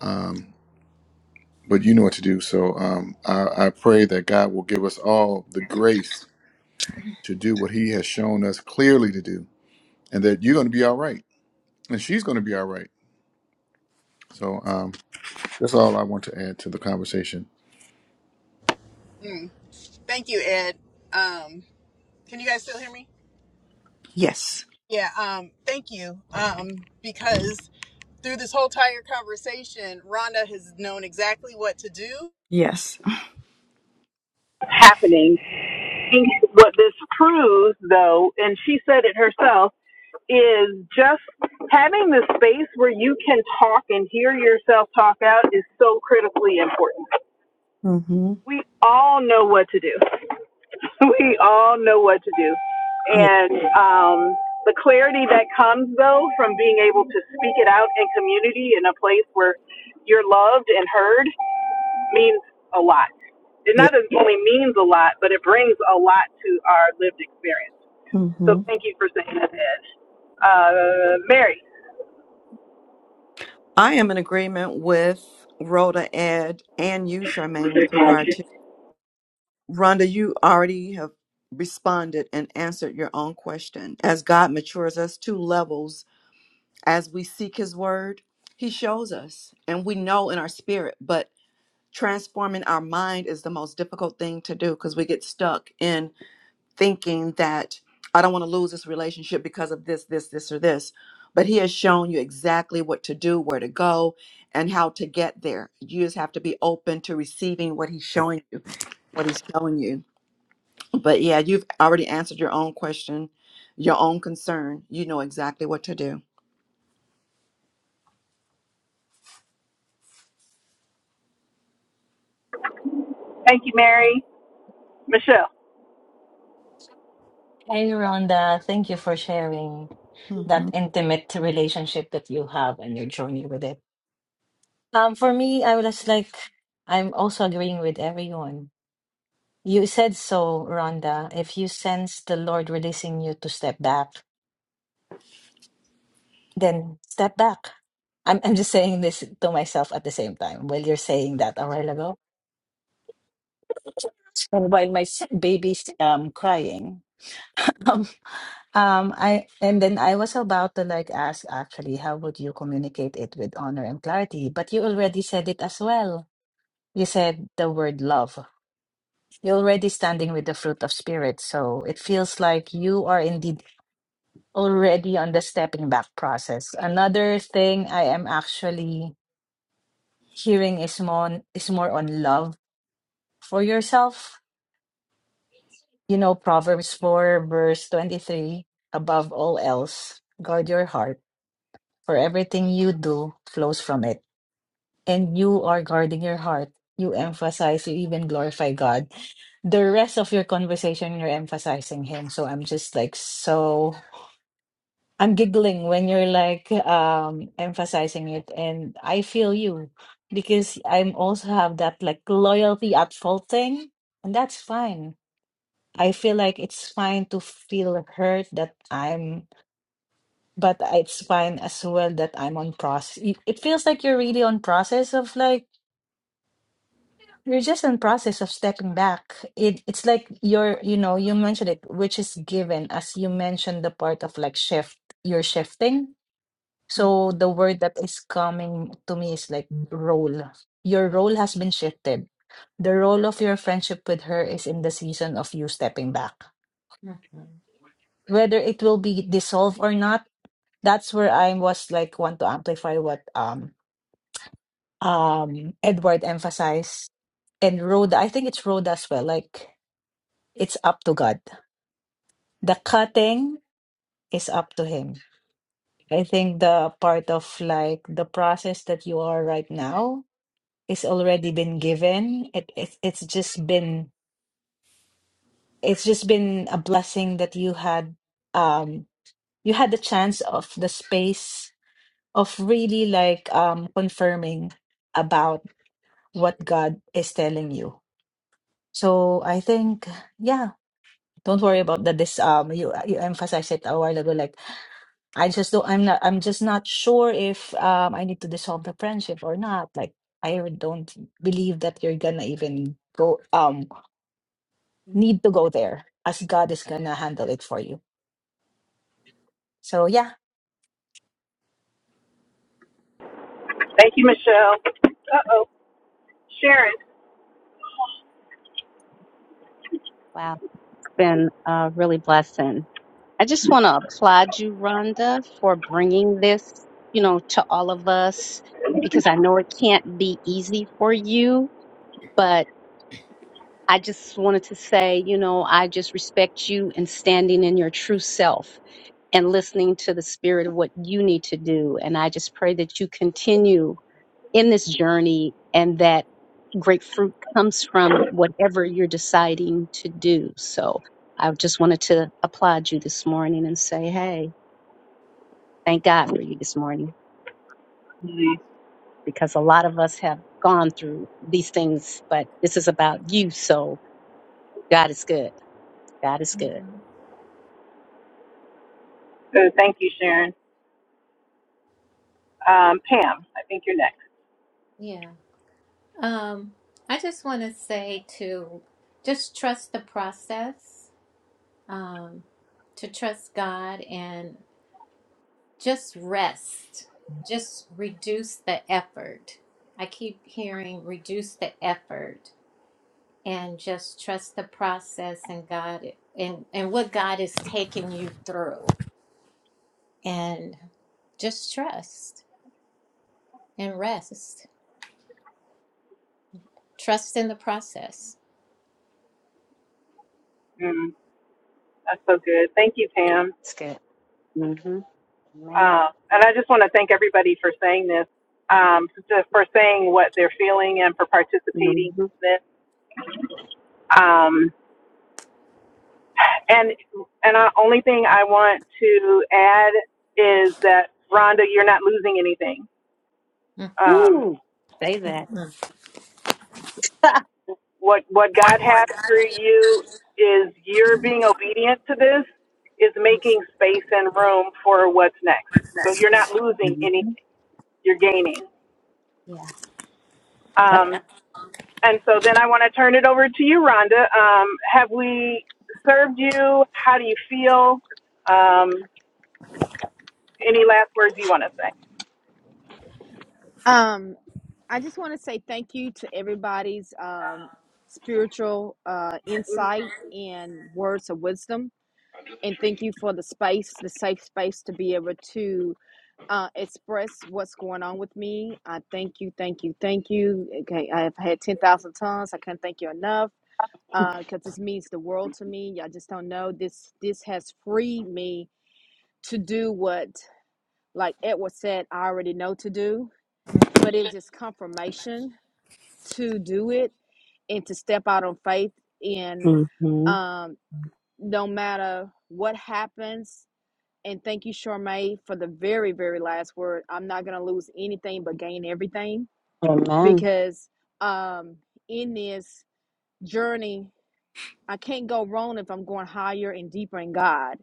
G: um, but you know what to do so um, I, I pray that god will give us all the grace to do what he has shown us clearly to do and that you're going to be all right and she's going to be all right so um, that's all i want to add to the conversation
C: Yes. Yes.
H: you can talk and hear yourself talk out is so critically important.
C: Mhm.
H: We all know what to do. We all know what to do.
C: Yeah.
H: And um, the clarity that comes, though, from being able to speak it out in community in a place where you're loved and heard means a lot. It
C: Yeah.
H: not only means a lot, but it brings a lot to our lived experience. So
C: Mhm.
H: thank you for saying that, Ed. Uh, Mary.
C: I am in agreement with Rhoda Ed and you, Charmaine, with regard to Rhonda, you already have responded and answered your own question. As God matures us to levels, as we seek His Word, He shows us, and we know in our spirit. But transforming our mind is the most difficult thing to do because we get stuck in thinking that I don't want to lose this relationship because of this, this, this, or this. But He has shown you exactly what to do, where to go, and how to get there. You just have to be open to receiving what He's showing you, what He's showing you. But yeah, you've already answered your own question, your own concern. You know exactly what to do.
H: Thank you, Mary. Michelle.
I: Hey, Rhonda, thank you for sharing that
C: hmm
I: intimate relationship that you have and your journey with it. Um, for me, I was like, I'm also agreeing with everyone. You said so, Rhonda. If you sense the Lord releasing you to step back, then step back. I'm I'm just saying this to myself at the same time while you're saying that a while ago. And while my s- baby's um, crying. Um, um, I and then I was about to like ask actually, how would you communicate it with honor and clarity? But you already said it as well. You said the word love. You're already standing with the fruit of spirit, so it feels like you are indeed already on the stepping back process. Another thing I am actually hearing is more is more on love for yourself. You know, Proverbs 4 verse 23, above all else, guard your heart for everything you do flows from it. And you are guarding your heart. You emphasize, you even glorify God. The rest of your conversation, you're emphasizing Him. So I'm just like, so I'm giggling when you're like um, emphasizing it. And I feel you because I'm also have that like loyalty at fault thing. And that's fine. I feel like it's fine to feel hurt that I'm but it's fine as well that I'm on process. It it feels like you're really on process of like you're just in process of stepping back. It it's like you're you know you mentioned it, which is given as you mentioned the part of like shift. You're shifting. So the word that is coming to me is like
A: hmm
I: role. Your role has been shifted. The role of your friendship with her is in the season of you stepping back. Whether it will be dissolved or not, that's where I was like want to amplify what um um Edward emphasized and Rhoda I think it's Rhoda as well like it's up to God the cutting is up to him I think the part of like the process that you are right now is already been given it, it it's just been it's just been a blessing that you had um you had the chance of the space of really like um confirming about what God is telling you so I think yeah don't worry about that this um you you emphasized it a while ago like i just don't i'm not i'm just not sure if um i need to dissolve the friendship or not like i really don't believe that you're gonna even go um need to go there as god is gonna handle it for you so yeah
H: Thank you, Michelle. Uh oh, Sharon.
B: Wow, it's been a really blessing. I just want to applaud you, Rhonda, for bringing this, you know, to all of us because I know it can't be easy for you, but I just wanted to say, you know, I just respect you and standing in your true self and listening to the spirit of what you need to do. And I just pray that you continue in this journey and that great fruit comes from whatever you're deciding to do. So I just wanted to applaud you this morning and say, hey, thank God for you this morning
H: Mhm.
B: because a lot of us have gone through these things, but this is about you. So God is good. God is good.
A: hmm
H: Uh, Thank you, Sharon. Um, Pam, I think you're next.
A: Yeah. Um, I just want to say to just trust the process, um, to trust God and just rest, just reduce the effort. I keep hearing reduce the effort and just trust the process and God and, and what God is taking you through. and just trust and rest. Trust in the process.
H: Mm, that's so good. Thank you, Pam.
B: It's good. Mm-hmm. Amen.
H: Uh, and I just want to thank everybody for saying this, um, just for saying what they're feeling and for participating
B: Mm-hmm.
H: in this. Um, and and the only thing I want to add is that Rhonda, you're not losing anything.
A: Mhm,
H: Um,
B: Ooh, say that.
A: mhm.
H: what what God has for you is you're being obedient to this is making space and room for what's next. So you're not losing
B: hmm
H: anything, you're gaining.
A: Yeah.
B: Yep.
H: Um, and so then I want to turn it over to you, Rhonda. Um, have we served you? How do you feel? Um, any last words you want to say?
D: Um I just want to say thank you to everybody's um spiritual uh insight and words of wisdom and thank you for the space, the safe space to be able to uh, express what's going on with me. I thank you, thank you, thank you. Okay, I have had 10,000 tons. I can't thank you enough. because this means the world to me. Y'all just don't know this. This has freed me to do what, like Edward said, I already know to do. But it was just confirmation to do it and to step out on faith. in,
B: Mm-hmm.
D: um, no matter what happens, and thank you, Charmaine, for the very, very last word. I'm not gonna lose anything but gain everything
B: Amen.
D: because um, in this journey, I can't go wrong if I'm going higher and deeper in God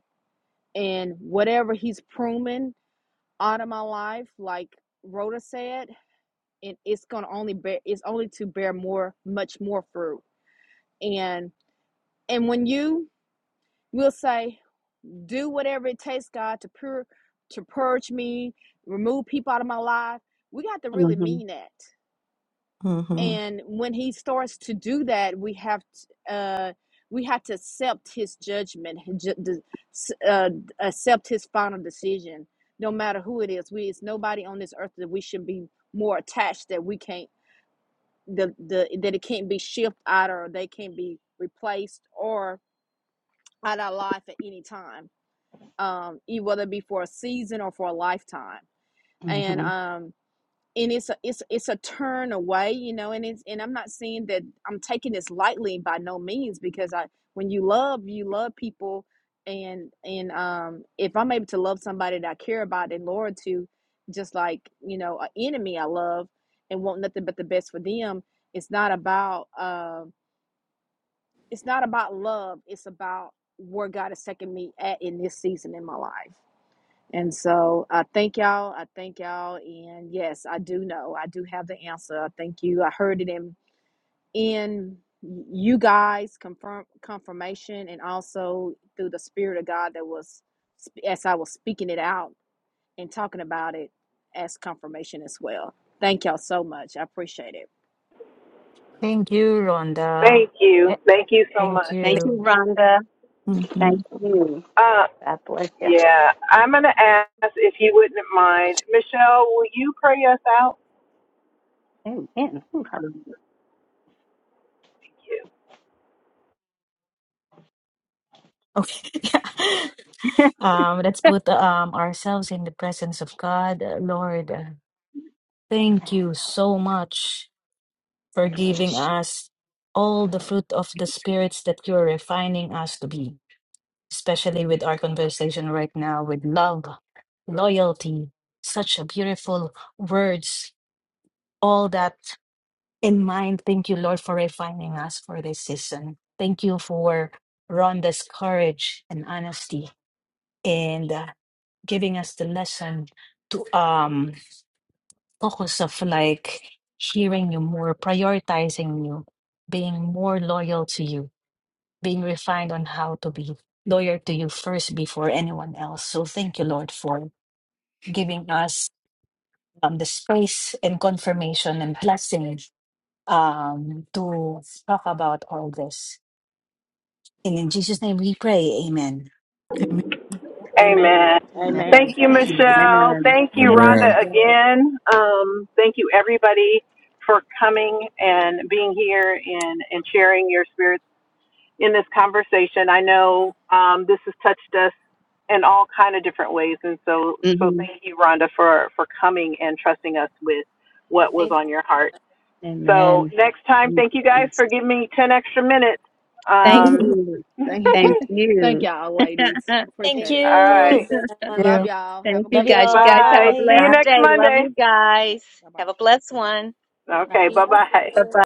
D: and whatever he's pruning out of my life, like Rhoda said, and it's gonna only bear it's only to bear more, much more fruit. And and when you will say, do whatever it takes, God, to pur to purge me, remove people out of my life, we got to really
B: Mm-hmm.
D: mean that.
C: hmm
D: and when he starts to do that we have to, uh we have to accept his judgment his ju- de- s- uh, accept his final decision no matter who it is we it's nobody on this earth that we should be more attached that we can't the, the that it can't be shifted out or they can't be replaced or out of our life at any time um e- whether it be for a season or for a lifetime and
B: Mm-hmm.
D: um and it's a, it's it's a turn away, you know, and it's and I'm not saying that I'm taking this lightly by no means because I when you love you love people and and um if I'm able to love somebody that I care about and loyal to, just like you know an enemy I love and want nothing but the best for them, it's not about um it's not about love, it's about where God is taking me at in this season in my life. And so I thank y'all. I thank y'all. And yes, I do know. I do have the answer. I thank you. I heard it in in you guys confirm confirmation and also through the spirit of God that was as I was speaking it out and talking about it as confirmation as well. Thank y'all so much. I appreciate it.
I: thank you rhonda
H: Thank
I: yeah,
H: you. Thank you so
I: thank
H: much.
B: Thank you,
I: you
B: Rhonda. Thank
C: hmm
B: you.
H: Uh,
B: God bless you.
H: yeah, I'm going to ask if you wouldn't mind. Michelle, will you pray us out?
B: Amen. Ooh, hallelujah.
I: okay yeah. um let's put um ourselves in the presence of god Uh, lord uh, thank you so much for giving us all the fruit of the spirits that you're refining us to be, especially with our conversation right now with love, loyalty, such a beautiful words, all that in mind. Thank you, Lord, for refining us for this season. Thank you for Rhonda's courage and honesty and uh, giving us the lesson to um focus of like hearing you more, prioritizing you, being more loyal to you, being refined on how to be loyal to you first before anyone else. So thank you, Lord, for giving us um, the space and confirmation and blessing um, to talk about all this. And in Jesus' name we pray. Amen.
D: Amen.
H: Amen.
B: Amen.
H: Thank
D: Amen.
H: you,
A: Amen.
H: Michelle.
B: Amen.
H: Thank you,
G: Amen.
H: Rhonda,
B: Amen.
H: again. Um, thank you, everybody, for coming and being here and, and sharing your spirits in this conversation. I know um, this has touched us in all kind of different ways, and so so
B: hmm
H: thank you, Rhonda, for for coming and trusting us with
A: Uh,
H: what was
A: Thank
H: on
A: you.
H: your heart. So
B: Amen.
H: next time,
B: Thank
H: thank
B: you,
H: you guys for
B: Jesus.
H: giving me ten extra minutes.
B: Thank
H: Um,
B: you.
D: Thank
B: Thank
D: thank
B: you.
D: y'all ladies.
B: Thank
I: Thank
D: Appreciate
A: Thank you,
D: it.
H: all right,
I: you.
A: Rhonda.
D: Love y'all. Have a
B: you,
I: Love
D: great
I: you
B: guys. You
D: week.
I: all.
B: guys have
H: bye.
B: a
I: Bye.
H: See you
B: blessed
H: next
B: day. Love
H: Monday.
B: you
D: All
B: guys.
D: right.
B: Have a blessed one.
D: Bye-bye.
A: Love
H: Okay,
A: you.
H: bye
A: Love
H: bye.
B: Bye
A: you.
B: bye.